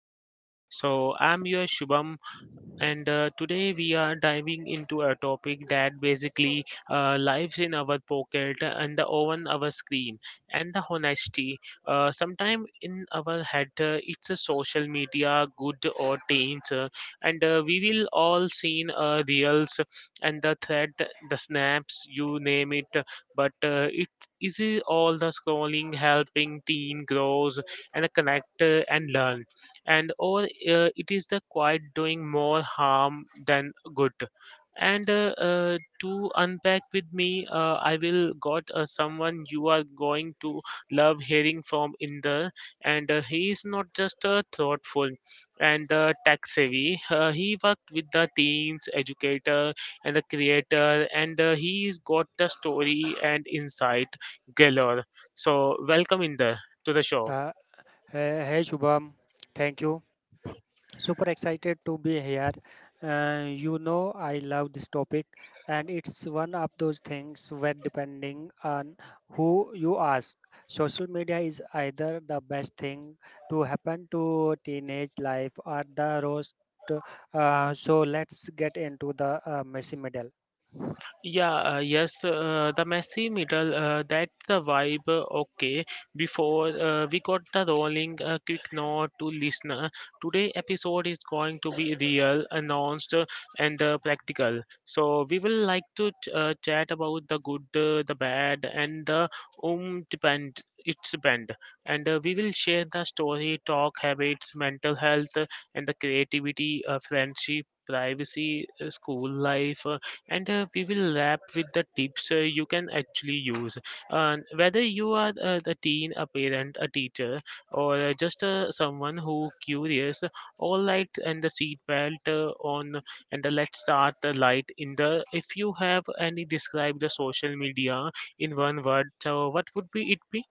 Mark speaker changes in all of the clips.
Speaker 1: filters. So I'm your Shubham, and today we are diving into a topic that basically lives in our pocket and the on our screen and the honesty. Sometime in our head, it's a social media, good or taints, and we will all seen reels and the thread, the snaps, you name it. But it is all the scrolling helping teen grows and connect, and learn, and or it is the quiet doing more harm than good. And to unpack with me, I will got someone you are going to love hearing from in the. And he is not just thoughtful and tech savvy. He worked with the teens educator and the creator, and he's got the story and insight galore. So welcome in the to the show.
Speaker 2: Uh, hey, Shubham, thank you. Super excited to be here. I love this topic, and it's one of those things where, depending on who you ask, social media is either the best thing to happen to teenage life or the roast. So let's get into the messy middle.
Speaker 1: Yeah, yes, the messy middle, that's the vibe. Okay, before we got the rolling, quick note to listener. Today episode is going to be real, announced, and practical. So we will like to chat about the good, the bad, and the depend. It's bend, and we will share the story, talk habits, mental health, and the creativity, friendship, privacy, school life, and we will wrap with the tips you can actually use. Whether you are a teen, a parent, a teacher, or just someone who curious, all light and the seat belt on, and let's start the light in the. If you have any describe the social media in one word, so what would be it be?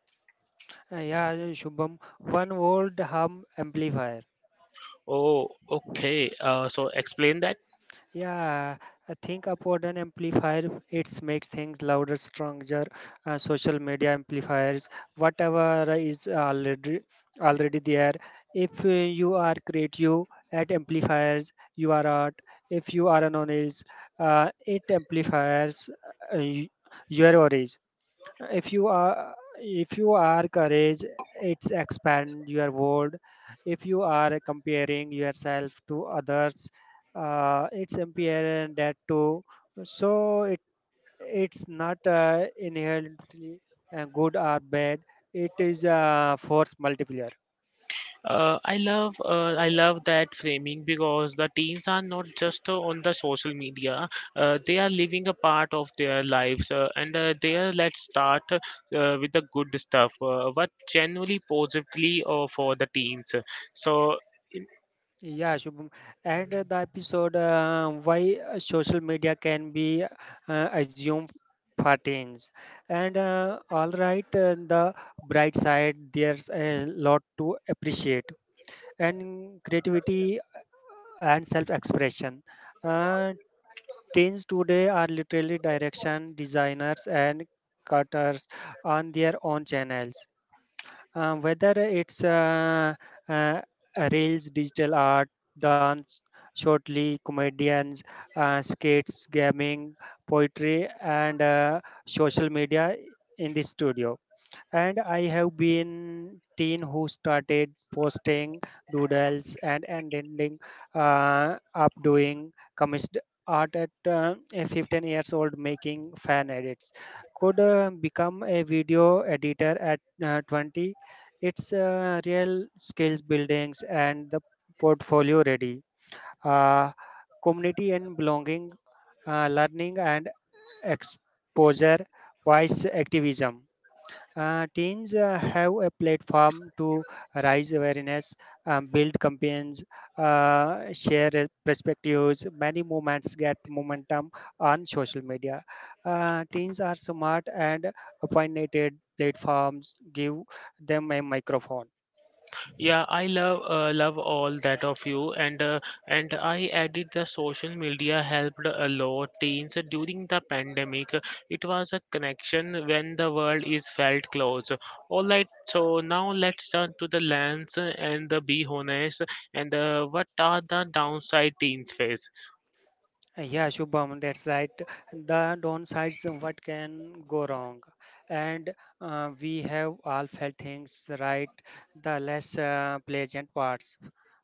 Speaker 2: Yeah, Shubham, one word hum amplifier.
Speaker 1: Oh, okay. So explain that.
Speaker 2: Yeah, I think upward an amplifier. It makes things louder, stronger. Social media amplifiers, whatever is already there. If you are creative at amplifiers, you are art. If you are an honest, it amplifiers uh, y- your origin, if you are courage, it's expand your world. If you are comparing yourself to others, it's impairing that too. So it's not inherently good or bad, it is a force multiplier.
Speaker 1: Uh, I love that framing because the teens are not just on the social media. They are living a part of their lives, and there let's start with the good stuff. What genuinely positively for the teens? So
Speaker 2: Yeah, Shubham. And the episode why social media can be assumed patterns. And all right, the bright side, there's a lot to appreciate. And creativity and self-expression. Uh, Teens today are literally direction designers and cutters on their own channels, whether it's uh, reels, digital art, dance, shortly comedians, skates, gaming, poetry, and social media in the studio. And I have been teen who started posting doodles and ending up doing commissioned art at a 15 years old making fan edits. Could become a video editor at 20. It's real skills buildings and the portfolio ready. Uh, Community and belonging, learning and exposure, voice activism. Teens have a platform to raise awareness, build campaigns, share perspectives. Many movements get momentum on social media. Teens are smart and opinionated platforms give them a microphone.
Speaker 1: yeah, I love all that of you, and I added the social media helped a lot teens during the pandemic. It was a connection when the world is felt close. All right, so now let's turn to the lens and the be honest, and what are the downside teens face?
Speaker 2: Yeah, Shubham, that's right. The downsides, of what can go wrong? And we have all felt things, right? The less pleasant parts,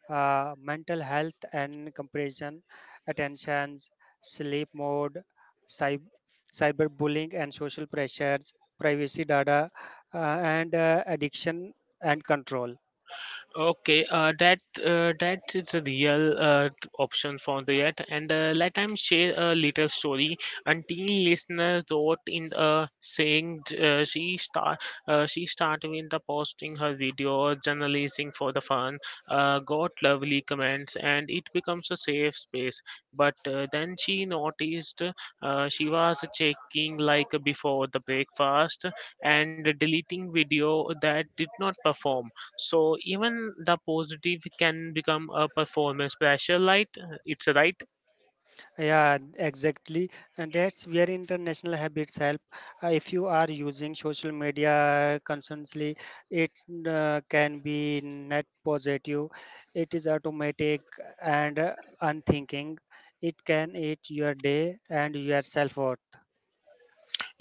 Speaker 2: mental health and comparison, attentions, sleep mode, cyber cyberbullying and social pressures, privacy data, and addiction and control.
Speaker 1: Okay, that is a real option for that. And let I share a little story. A teen listener wrote in, saying she started with the posting her video journalizing for the fun. Got lovely comments, and it becomes a safe space. But then she noticed she was checking like before the breakfast and deleting video that did not perform. So even the positive can become a performance pressure light. It's a right.
Speaker 2: Yeah, exactly. And that's where international habits help. If you are using social media constantly, it can be net positive. It is automatic and unthinking. It can eat your day and your self worth.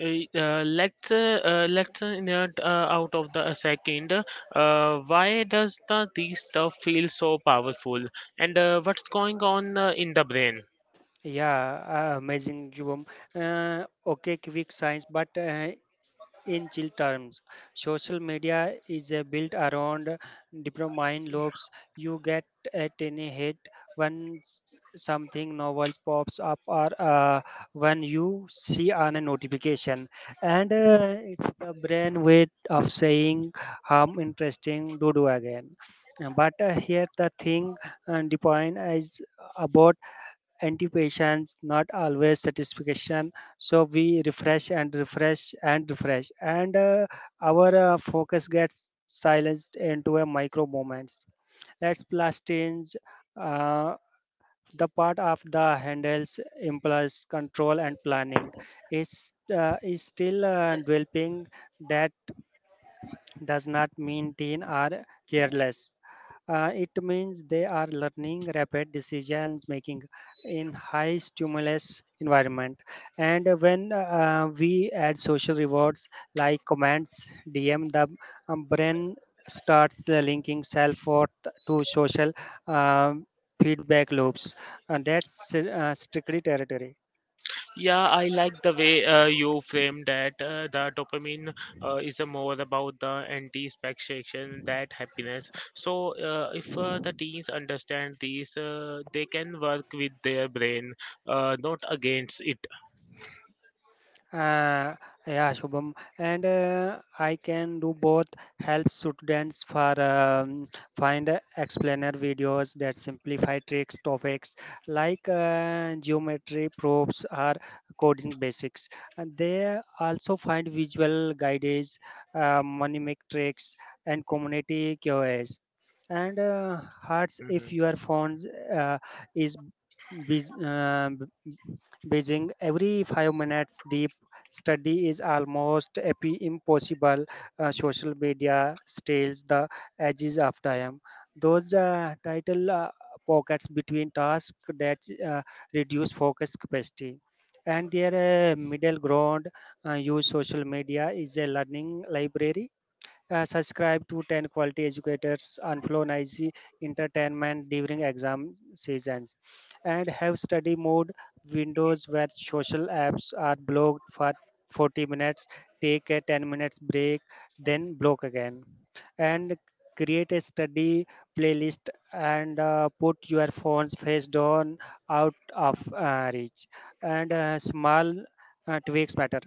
Speaker 1: Let's nerd, out of the a second. Why does the these stuff feel so powerful? And what's going on in the brain?
Speaker 2: Yeah, amazing, Jubam. Okay, quick science, but in chill terms, social media is built around dopamine loops. You get a tiny hit when something novel pops up or when you see on a notification, and it's the brain way of saying "Hum, interesting, do do again." But here the thing and the point is about anticipations, not always satisfaction. So we refresh and refresh and refresh, and our focus gets silenced into a micro moments. Let's plus change uh, the part of the handles impulse control and planning. It's is still developing. That does not mean teen are careless. It means they are learning rapid decisions making in high stimulus environment. And when we add social rewards like comments, DM, the brain starts linking self worth to social um feedback loops, and that's strictly territory.
Speaker 1: Yeah, I like the way you frame that. The dopamine is a more about the anti-expectation that happiness. So, if the teens understand these, they can work with their brain, not against it.
Speaker 2: Uh, yeah, Shubham, and I can do both. Help students for find explainer videos that simplify tricks topics like geometry proofs or coding basics. And they also find visual guides, mnemonic tricks, and community QoS and hearts if
Speaker 1: Mhm.
Speaker 2: your phone uh, is bus- uh, b- buzzing every 5 minutes, deep study is almost impossible. Social media steals the edges of time, those title pockets between tasks that uh, reduce focus capacity, and their middle ground. Use social media is a learning library, subscribe to 10 quality educators on flow noisy entertainment during exam seasons. And have study mode windows where social apps are blocked for 40 minutes. Take a 10 minutes break, then block again. And create a study playlist and put your phone's face down out of reach, and small tweaks matter.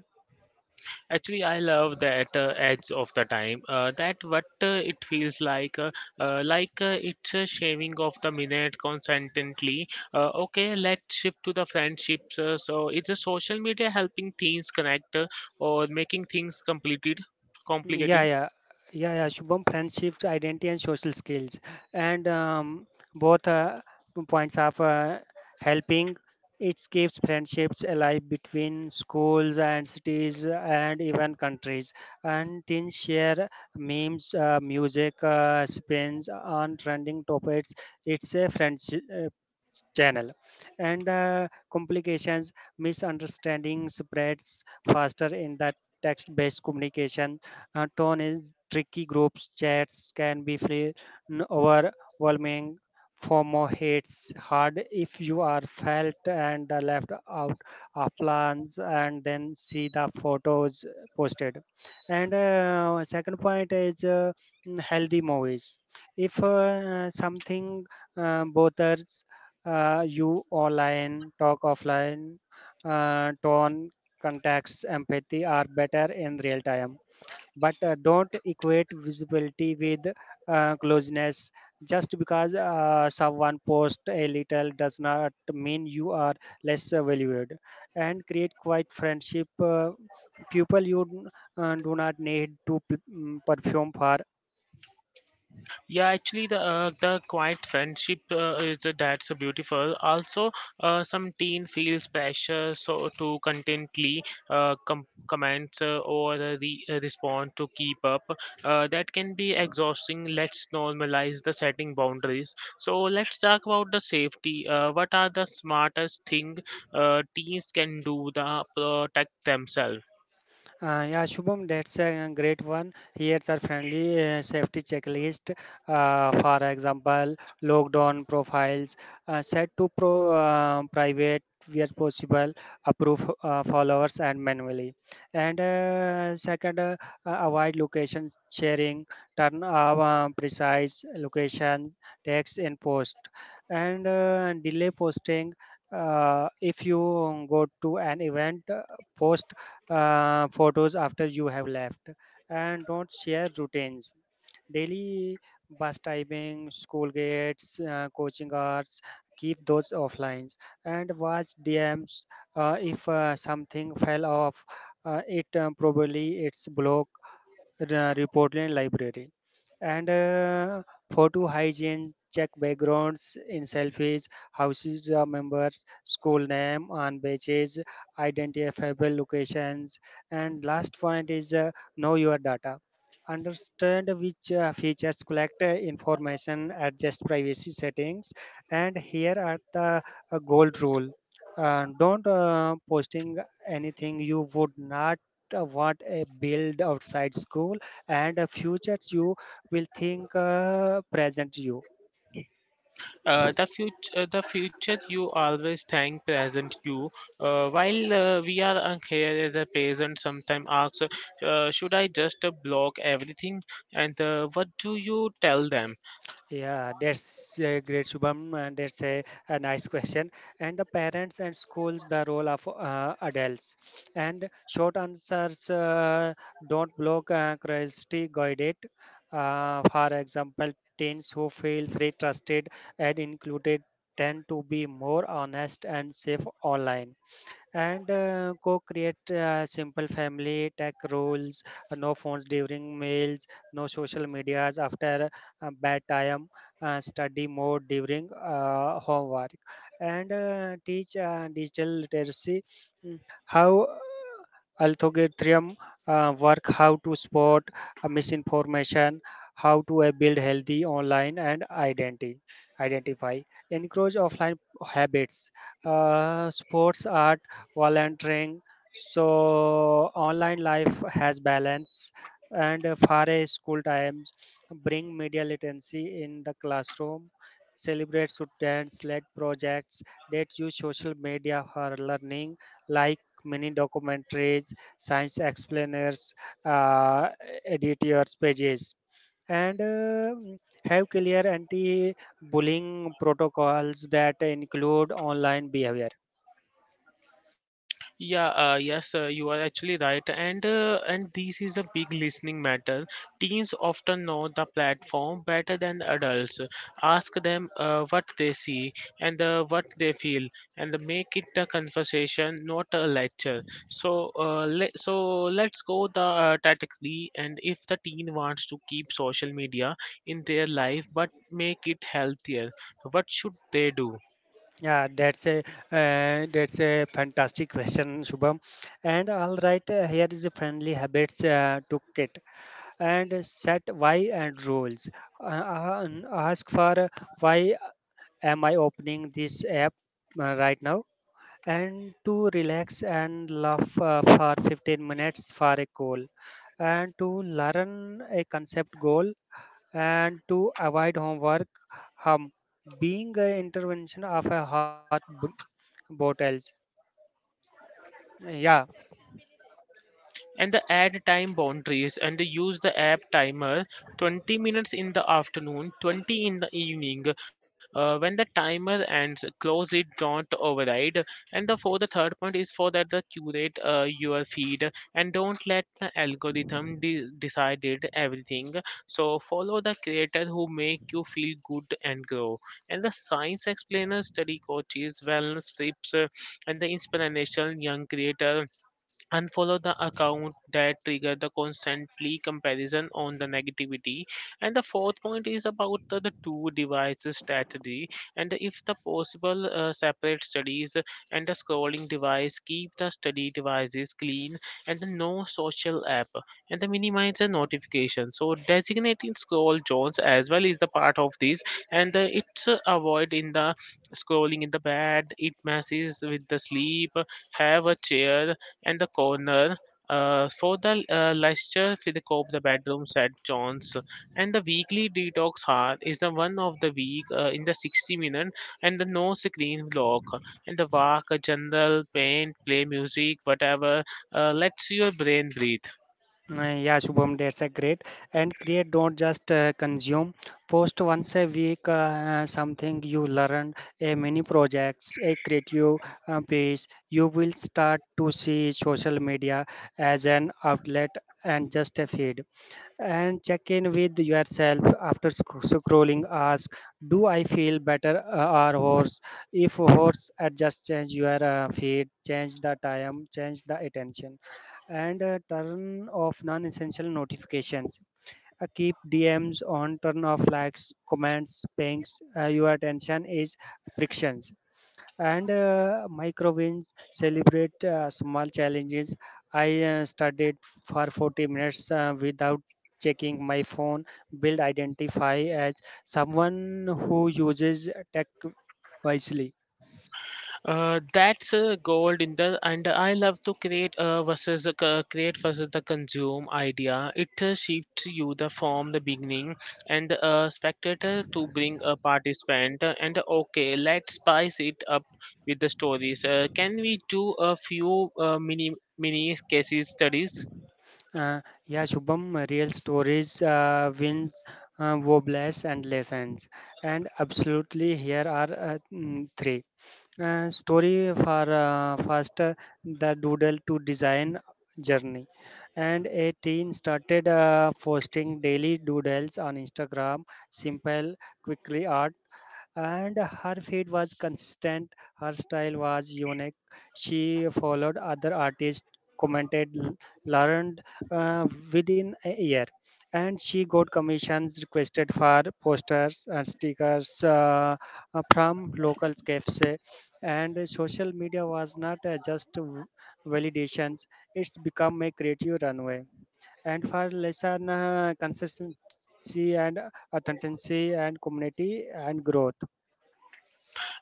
Speaker 1: Actually, I love that edge of the time. That what it feels like it's a shaving of the minute constantly. Okay, let's shift to the friendships. So, is the social media helping teens connect, or making things
Speaker 2: Mm, Yeah,
Speaker 1: complicated?
Speaker 2: yeah, yeah. Shubham, friendships, identity, and social skills, and both points of helping. It keeps friendships alive between schools and cities and even countries. And teens share memes, music, spins on trending topics. It's a friendship channel. And complications, misunderstanding spreads faster in the text-based communication, tone is tricky. Groups chats can be overwhelming. FOMO hits hard if you are felt and left out of plans and then see the photos posted. And second point is healthy movies. If something bothers you online, talk offline, tone, context, empathy are better in real time, but don't equate visibility with closeness. Just because someone posts a little does not mean you are less valued, and create quiet friendship, people you do not need to perfume for.
Speaker 1: Yeah, actually, the quiet friendship is that's beautiful. Also, some teen feels pressure so to contently respond to keep up. That can be exhausting. Let's normalize the setting boundaries. So let's talk about the safety. What are the smartest thing teens can do to protect themselves?
Speaker 2: Yeah, Shubham, that's a great one. Here's our friendly safety checklist. For example, lockdown profiles, set to pro private where possible, approve followers and manually. And second, avoid location sharing. Turn off precise location text in post. And delay posting. If you go to an event, post photos after you have left, and don't share routines daily, bus timing, school gates, coaching hours. Keep those offline and watch dms, if something fell off, it probably it's block, uh, Reportland Library. And photo hygiene, check backgrounds in selfies, houses of members, school name on badges, identifiable locations. And last point is know your data. Understand which features collect information, adjust privacy settings. And here are the gold rule. Don't posting anything you would not what a build outside school, and futures you will think present you.
Speaker 1: The future, the future you always thank present you. While we are here as a parent, sometimes asks, should I just block everything? And what do you tell them?
Speaker 2: Yeah, that's great, Shubham, and a nice question. And the parents and schools, the role of adults. And short answers, don't block curiosity, guide it. For example, teens who feel free, trusted, and included tend to be more honest and safe online, and co-create simple family tech rules, no phones during meals, no social medias after bedtime, study mode during homework, and teach digital literacy, mm, how algorithm work, how to spot misinformation, how to build healthy online and identity identify, encourage offline habits, sports are volunteering. So online life has balance, and far away school times bring media literacy in the classroom. Celebrate students led projects that use social media for learning, like mini documentaries, science explainers, uh, editors pages, and have clear anti bullying protocols that include online behavior.
Speaker 1: Yeah, yes, you are actually right, and this is a big listening matter. Teens often know the platform better than adults. Ask them what they see and what they feel, and make it the conversation, not a lecture. So, le so let's go the tactically, and if the teen wants to keep social media in their life but make it healthier, what should they do?
Speaker 2: Yeah, that's a fantastic question, Shubham. And all right, here is a friendly habits to kit and set why and rules. And ask for why am I opening this app right now? And to relax and laugh for 15 minutes for a goal. And to learn a concept goal and to avoid homework hum being an intervention of a hot bottle. Yeah,
Speaker 1: And the add time boundaries and use the app timer 20 minutes in the afternoon, 20 in the evening. When the timer ends close it, don't override. And the for the third point is for that the curate your feed, and don't let the algorithm decided everything. So follow the creator who make you feel good and grow, and the science explainers, study coaches, wellness tips, and the inspirational young creator. Unfollow the account that trigger the constantly comparison on the negativity. And the fourth point is about the two devices strategy, and if the possible separate studies, and the scrolling device, keep the study devices clean and the no social app and the minimize the notification. So designating scroll zones as well is the part of this. And it's avoid in the scrolling in the bed, it messes with the sleep. Have a chair and the corner for the Leicester Cove, the bedrooms at John's, and the weekly detox hour is the one of the week in the 60 minute, and the no screen block, and the walk, a journal, paint, play music, whatever lets your brain breathe.
Speaker 2: yeah, Shubham, that's a great. And create, don't just consume. Post once a week something you learn, a mini projects, a creative piece. You will start to see social media as an outlet and just a feed. And check in with yourself after scrolling. Ask, do I feel better or worse? If worse, adjust, change your feed, change the time, change the attention. And turn off non-essential notifications. Keep DMs on, turn off likes, comments, pings. Your attention is frictions. And micro wins, celebrate small challenges. I studied for 40 minutes without checking my phone. Build identify as someone who uses tech wisely.
Speaker 1: That's gold in the, and I love to create versus the consume idea. It shifts you the from the beginning and a spectator to bring a participant, and okay, let's spice it up with the stories. Can we do a few mini cases studies?
Speaker 2: Uh, yeah, Shubham, real stories, wins, wobles, and lessons. And absolutely, here are three. Story for first, the doodle to design journey. And a teen started posting daily doodles on Instagram, simple, quickly art, and her feed was consistent, her style was unique. She followed other artists, commented, learned, uh, within a year, and she got commissions requested for posters and stickers, from local cafes, and social media was not just validations, it's become a creative runway. And for lesson, consistency and authenticity and community and growth.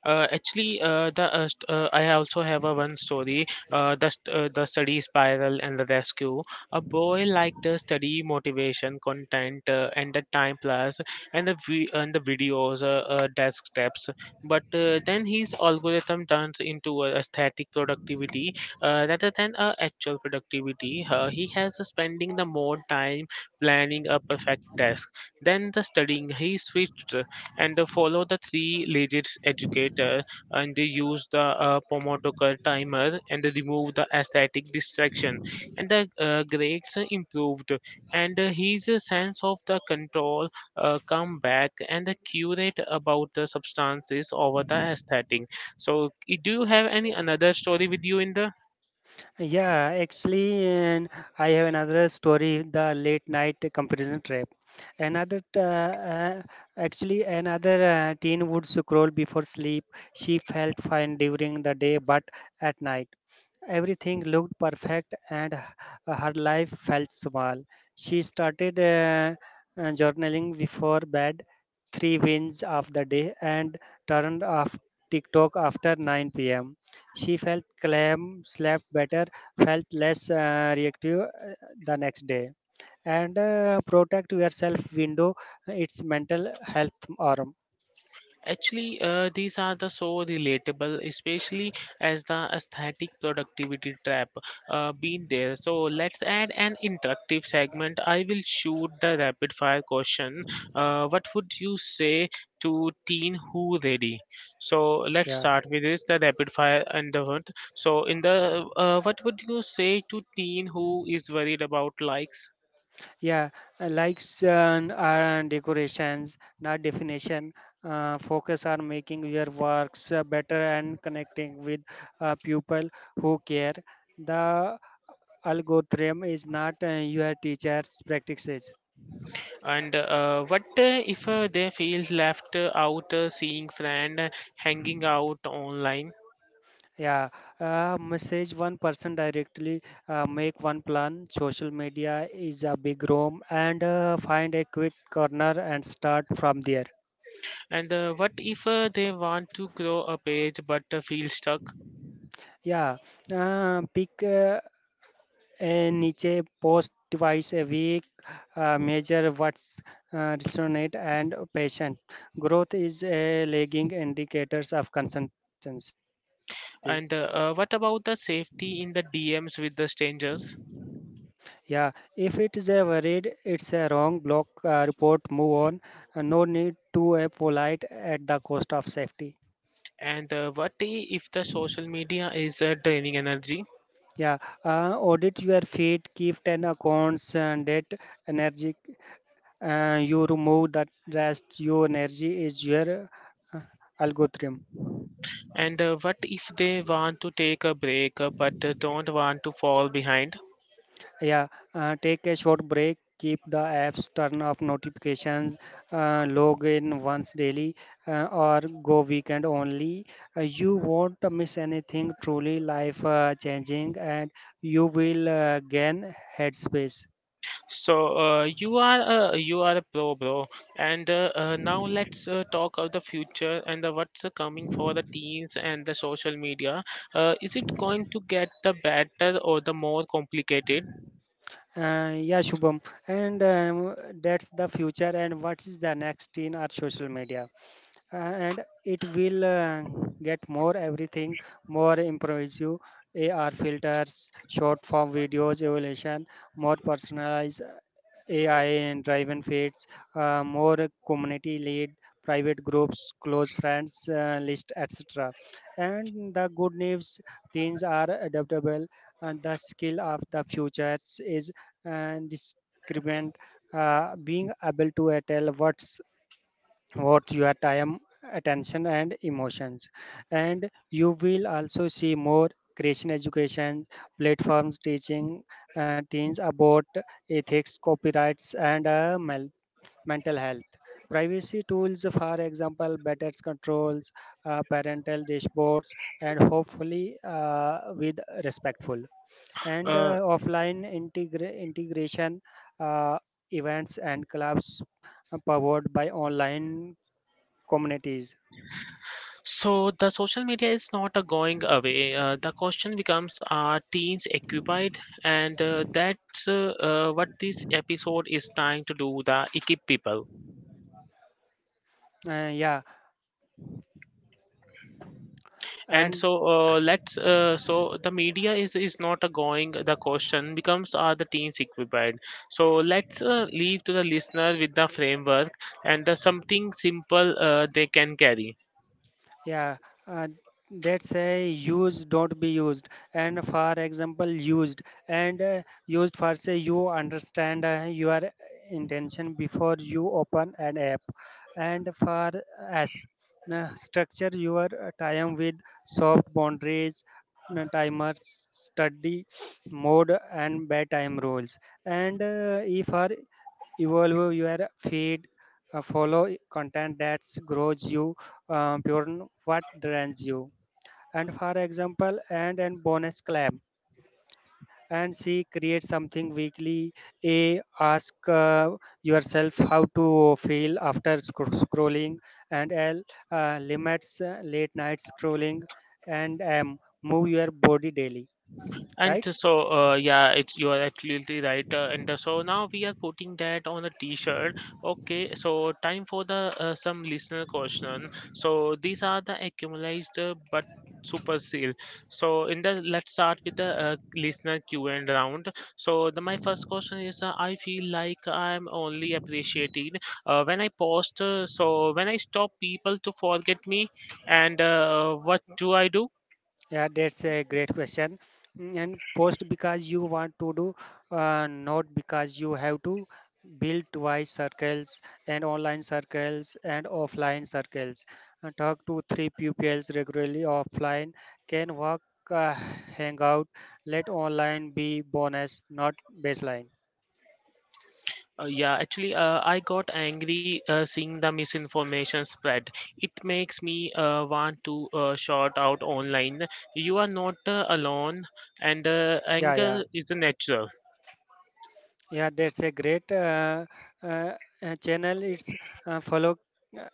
Speaker 1: Actually, I also have a one story. The study spiral and the rescue. A boy liked the study motivation content, and the time plus, and the and the videos, desk steps. But then his algorithm turns into a aesthetic productivity rather than a actual productivity. He has a spending the more time planning a perfect task than the studying. He switched and follow the three legits educator, and they use the Pomodoro timer, and they remove the aesthetic distraction, and the grades are improved, and his sense of the control come back, and the curate about the substances over the aesthetic. So I- do you have any another story with you in the.
Speaker 2: Yeah, actually, and I have another story, the late night comparison trap. Another, t- uh, uh, another teen would scroll before sleep. She felt fine during the day, but at night. Everything looked perfect and her life felt small. She started journaling before bed, three wins of the day, and turned off TikTok after 9 p.m. She felt calm, slept better, felt less reactive the next day. And protect yourself window, it's mental health arm.
Speaker 1: Actually, these are the so relatable, especially as the aesthetic productivity trap, been there. So let's add an interactive segment. I will shoot the rapid fire question. What would you say to teen who ready? So let's
Speaker 2: Yeah.
Speaker 1: start with this the rapid fire and the hunt. So in the, what would you say to teen who is worried about likes?
Speaker 2: Yeah, likes and decorations, not definition. Focus on making your works better and connecting with people who care. The algorithm is not your teacher's practices.
Speaker 1: And what if they feel left out seeing friend hanging out online?
Speaker 2: Yeah, message one person directly, make one plan. Social media is a big room, and find a quick corner and start from there.
Speaker 1: And what if they want to grow a page but feel stuck?
Speaker 2: Yeah, pick and Nietzsche posts twice a week, measure what's resonant and patient. Growth is a lagging indicators of consistency.
Speaker 1: And what about the safety in the DMs with the strangers?
Speaker 2: Yeah, if it is a worried, it's a wrong block report, move on. No need to a polite at the cost of safety.
Speaker 1: And if the social media is draining energy?
Speaker 2: Yeah, audit your feed, keep 10 accounts and that energy you remove that rest, your energy is your uh, algorithm.
Speaker 1: And what if they want to take a break but don't want to fall behind?
Speaker 2: Yeah, take a short break, keep the apps, turn off notifications, log in once daily, or go weekend only. You won't miss anything truly life changing, and you will gain headspace.
Speaker 1: So you are a you are a pro, bro. And now let's talk of the future and what's coming for the teens and the social media. Is it going to get the better or the more complicated?
Speaker 2: Yeah, Shubham, and that's the future. And what is the next in our social media? And it will get more everything, more improves you, ar filters, short form videos evaluation, more personalized ai and driven feeds, more community lead, private groups, close friends, list etc, and the good news, teens are adaptable, and the skill of the futures is discriminant, being able to tell what your time, attention and emotions, and you will also see more creation education platforms teaching teens about ethics, copyrights and mental health, privacy tools, for example better controls, parental dashboards, and hopefully with respectful and
Speaker 1: Uh,
Speaker 2: integration, uh, events and clubs powered by online communities.
Speaker 1: so the social media is not going away. The question becomes: are teens occupied? And that's what this episode is trying to do: the equip people.
Speaker 2: Uh, yeah,
Speaker 1: And
Speaker 2: and
Speaker 1: so let's so the media is not a going, the question becomes are the teens equipped. So let's leave to the listener with the framework and the something simple they can carry.
Speaker 2: yeah, uh, that's a used, don't be used, and for example, used and used for say you understand your intention before you open an app, and for s structure your time with soft boundaries. Timers, study mode and bedtime rules, and e for evolve your feed, follow content that grows you, pure what drains you, and for example, and bonus claim, and see create something weekly, a, ask yourself how to feel after scrolling, and l, limits late night scrolling, and m, move your body daily.
Speaker 1: And
Speaker 2: Right.
Speaker 1: yeah, it's you are absolutely right. And so now we are putting that on a T-shirt. Okay, so time for the some listener question. So these are the accumulated, but super seal. So in the, let's start with the listener Q and round. So the my first question is, I feel like I'm only appreciated when I post. So when I stop people to forget me, and what do I do?
Speaker 2: Yeah, that's a great question. Mm. And post because you want to do, not because you have to build twice circles and online circles and offline circles. Talk to three pupils regularly offline, can work, hang out, let online be bonus, not baseline.
Speaker 1: Yeah, actually, I got angry seeing the misinformation spread. It makes me want to shout out online. You are not alone, and
Speaker 2: Yeah, yeah.
Speaker 1: anger is natural.
Speaker 2: Yeah, that's a great uh, channel. It's follow. uh,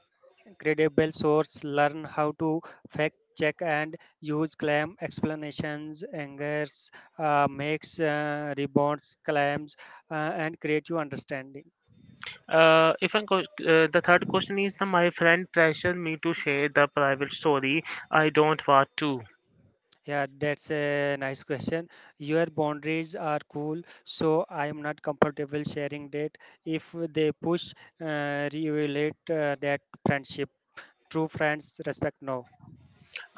Speaker 2: Credible source, learn how to fact check and use claim explanations, angers, makes rebounds, claims, uh, and create your understanding.
Speaker 1: If I go, the third question is that my friend pressured me to share the private story. I don't want to.
Speaker 2: Yeah, that's a nice question. Your boundaries are cool, so I am not comfortable sharing that. If they push, reevaluate that friendship. True friends respect no.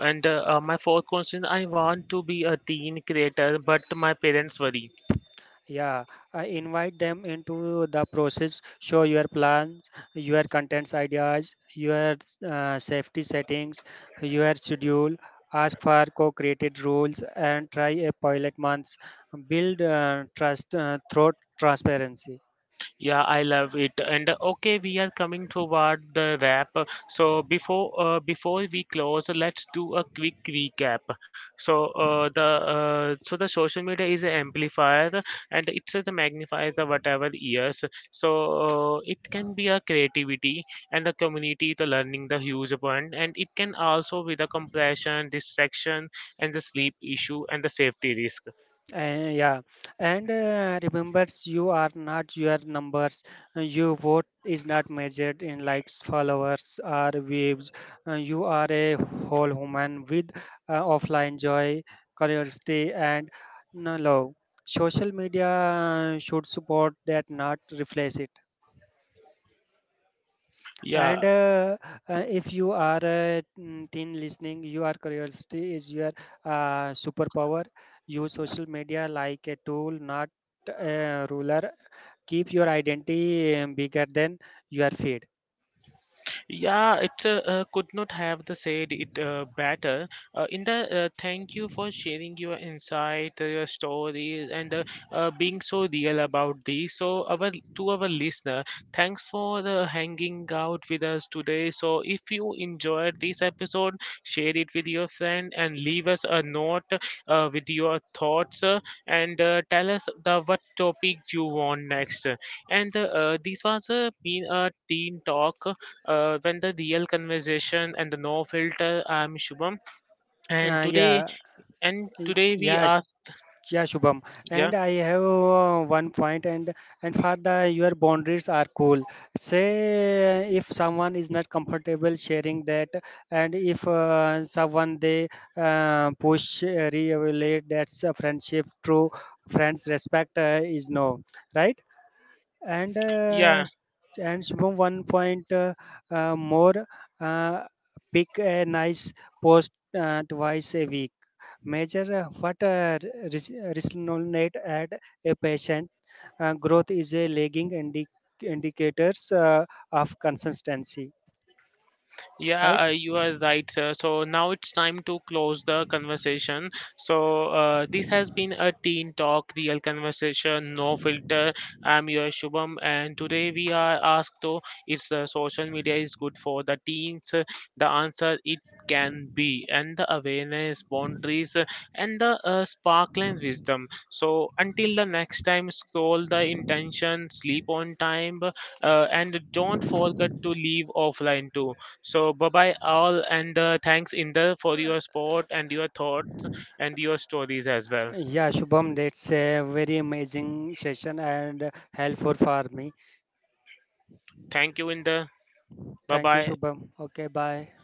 Speaker 1: And my fourth question, I want to be a teen creator, but my parents worry.
Speaker 2: Yeah, I invite them into the process. Show your plans, your contents ideas, your safety settings, your schedule. Ask for co-created rules and try a pilot months. Build trust through transparency.
Speaker 1: Yeah, I love it. And okay, we are coming toward the wrap. So before we close, let's do a quick recap. So the so the social media is an amplifier, and it's the magnifier the whatever years. So it can be a creativity and the community, the learning, the huge one, and it can also be the compression, distraction, and the sleep issue and the safety risk.
Speaker 2: Yeah, and remembers you are not your numbers. Your vote is not measured in likes, followers, or views. You are a whole human with offline joy, curiosity, and no love. Social media should support that, not replace it.
Speaker 1: Yeah.
Speaker 2: And if you are a teen listening, your curiosity is your superpower. Use social media like a tool, not a ruler. Keep your identity bigger than your feed.
Speaker 1: Yeah, it could not have the said it better. In the Thank you for sharing your insight, your stories, and being so real about this. So our to our listener, thanks for the hanging out with us today. So if you enjoyed this episode, share it with your friend and leave us a note with your thoughts, and tell us the what topic you want next. And this was been a team talk when the real conversation and the no filter. I'm Shubham, and
Speaker 2: uh, yeah
Speaker 1: today, and
Speaker 2: y-
Speaker 1: today we
Speaker 2: yeah
Speaker 1: are,
Speaker 2: Yeah, Shubham,
Speaker 1: yeah,
Speaker 2: and I have one point, and for the your boundaries are cool. Say if someone is not comfortable sharing that, and if someone they push relate that's a friendship. True friends respect is no, right, and
Speaker 1: yeah.
Speaker 2: and Shubham one point more. Uh, Pick a nice post twice a week, measure what res- resonate at a patient, growth is a lagging indicators of consistency.
Speaker 1: Yeah,
Speaker 2: Right.
Speaker 1: you are right, sir. So now it's time to close the conversation. So this has been a teen talk, real conversation, no filter. I'm your Shubham, and today we are asked to is social media is good for the teens? The answer it can be, and the awareness, boundaries, and the sparkling wisdom. So until the next time, scroll the intention, sleep on time, and don't forget to leave offline too. So bye bye all, and thanks Inder for your support and your thoughts and your stories as well.
Speaker 2: Yeah, Shubham, that's a very amazing session and helpful for me.
Speaker 1: Thank you Inder. Bye
Speaker 2: Thank you,
Speaker 1: bye.
Speaker 2: Shubham. Okay, bye.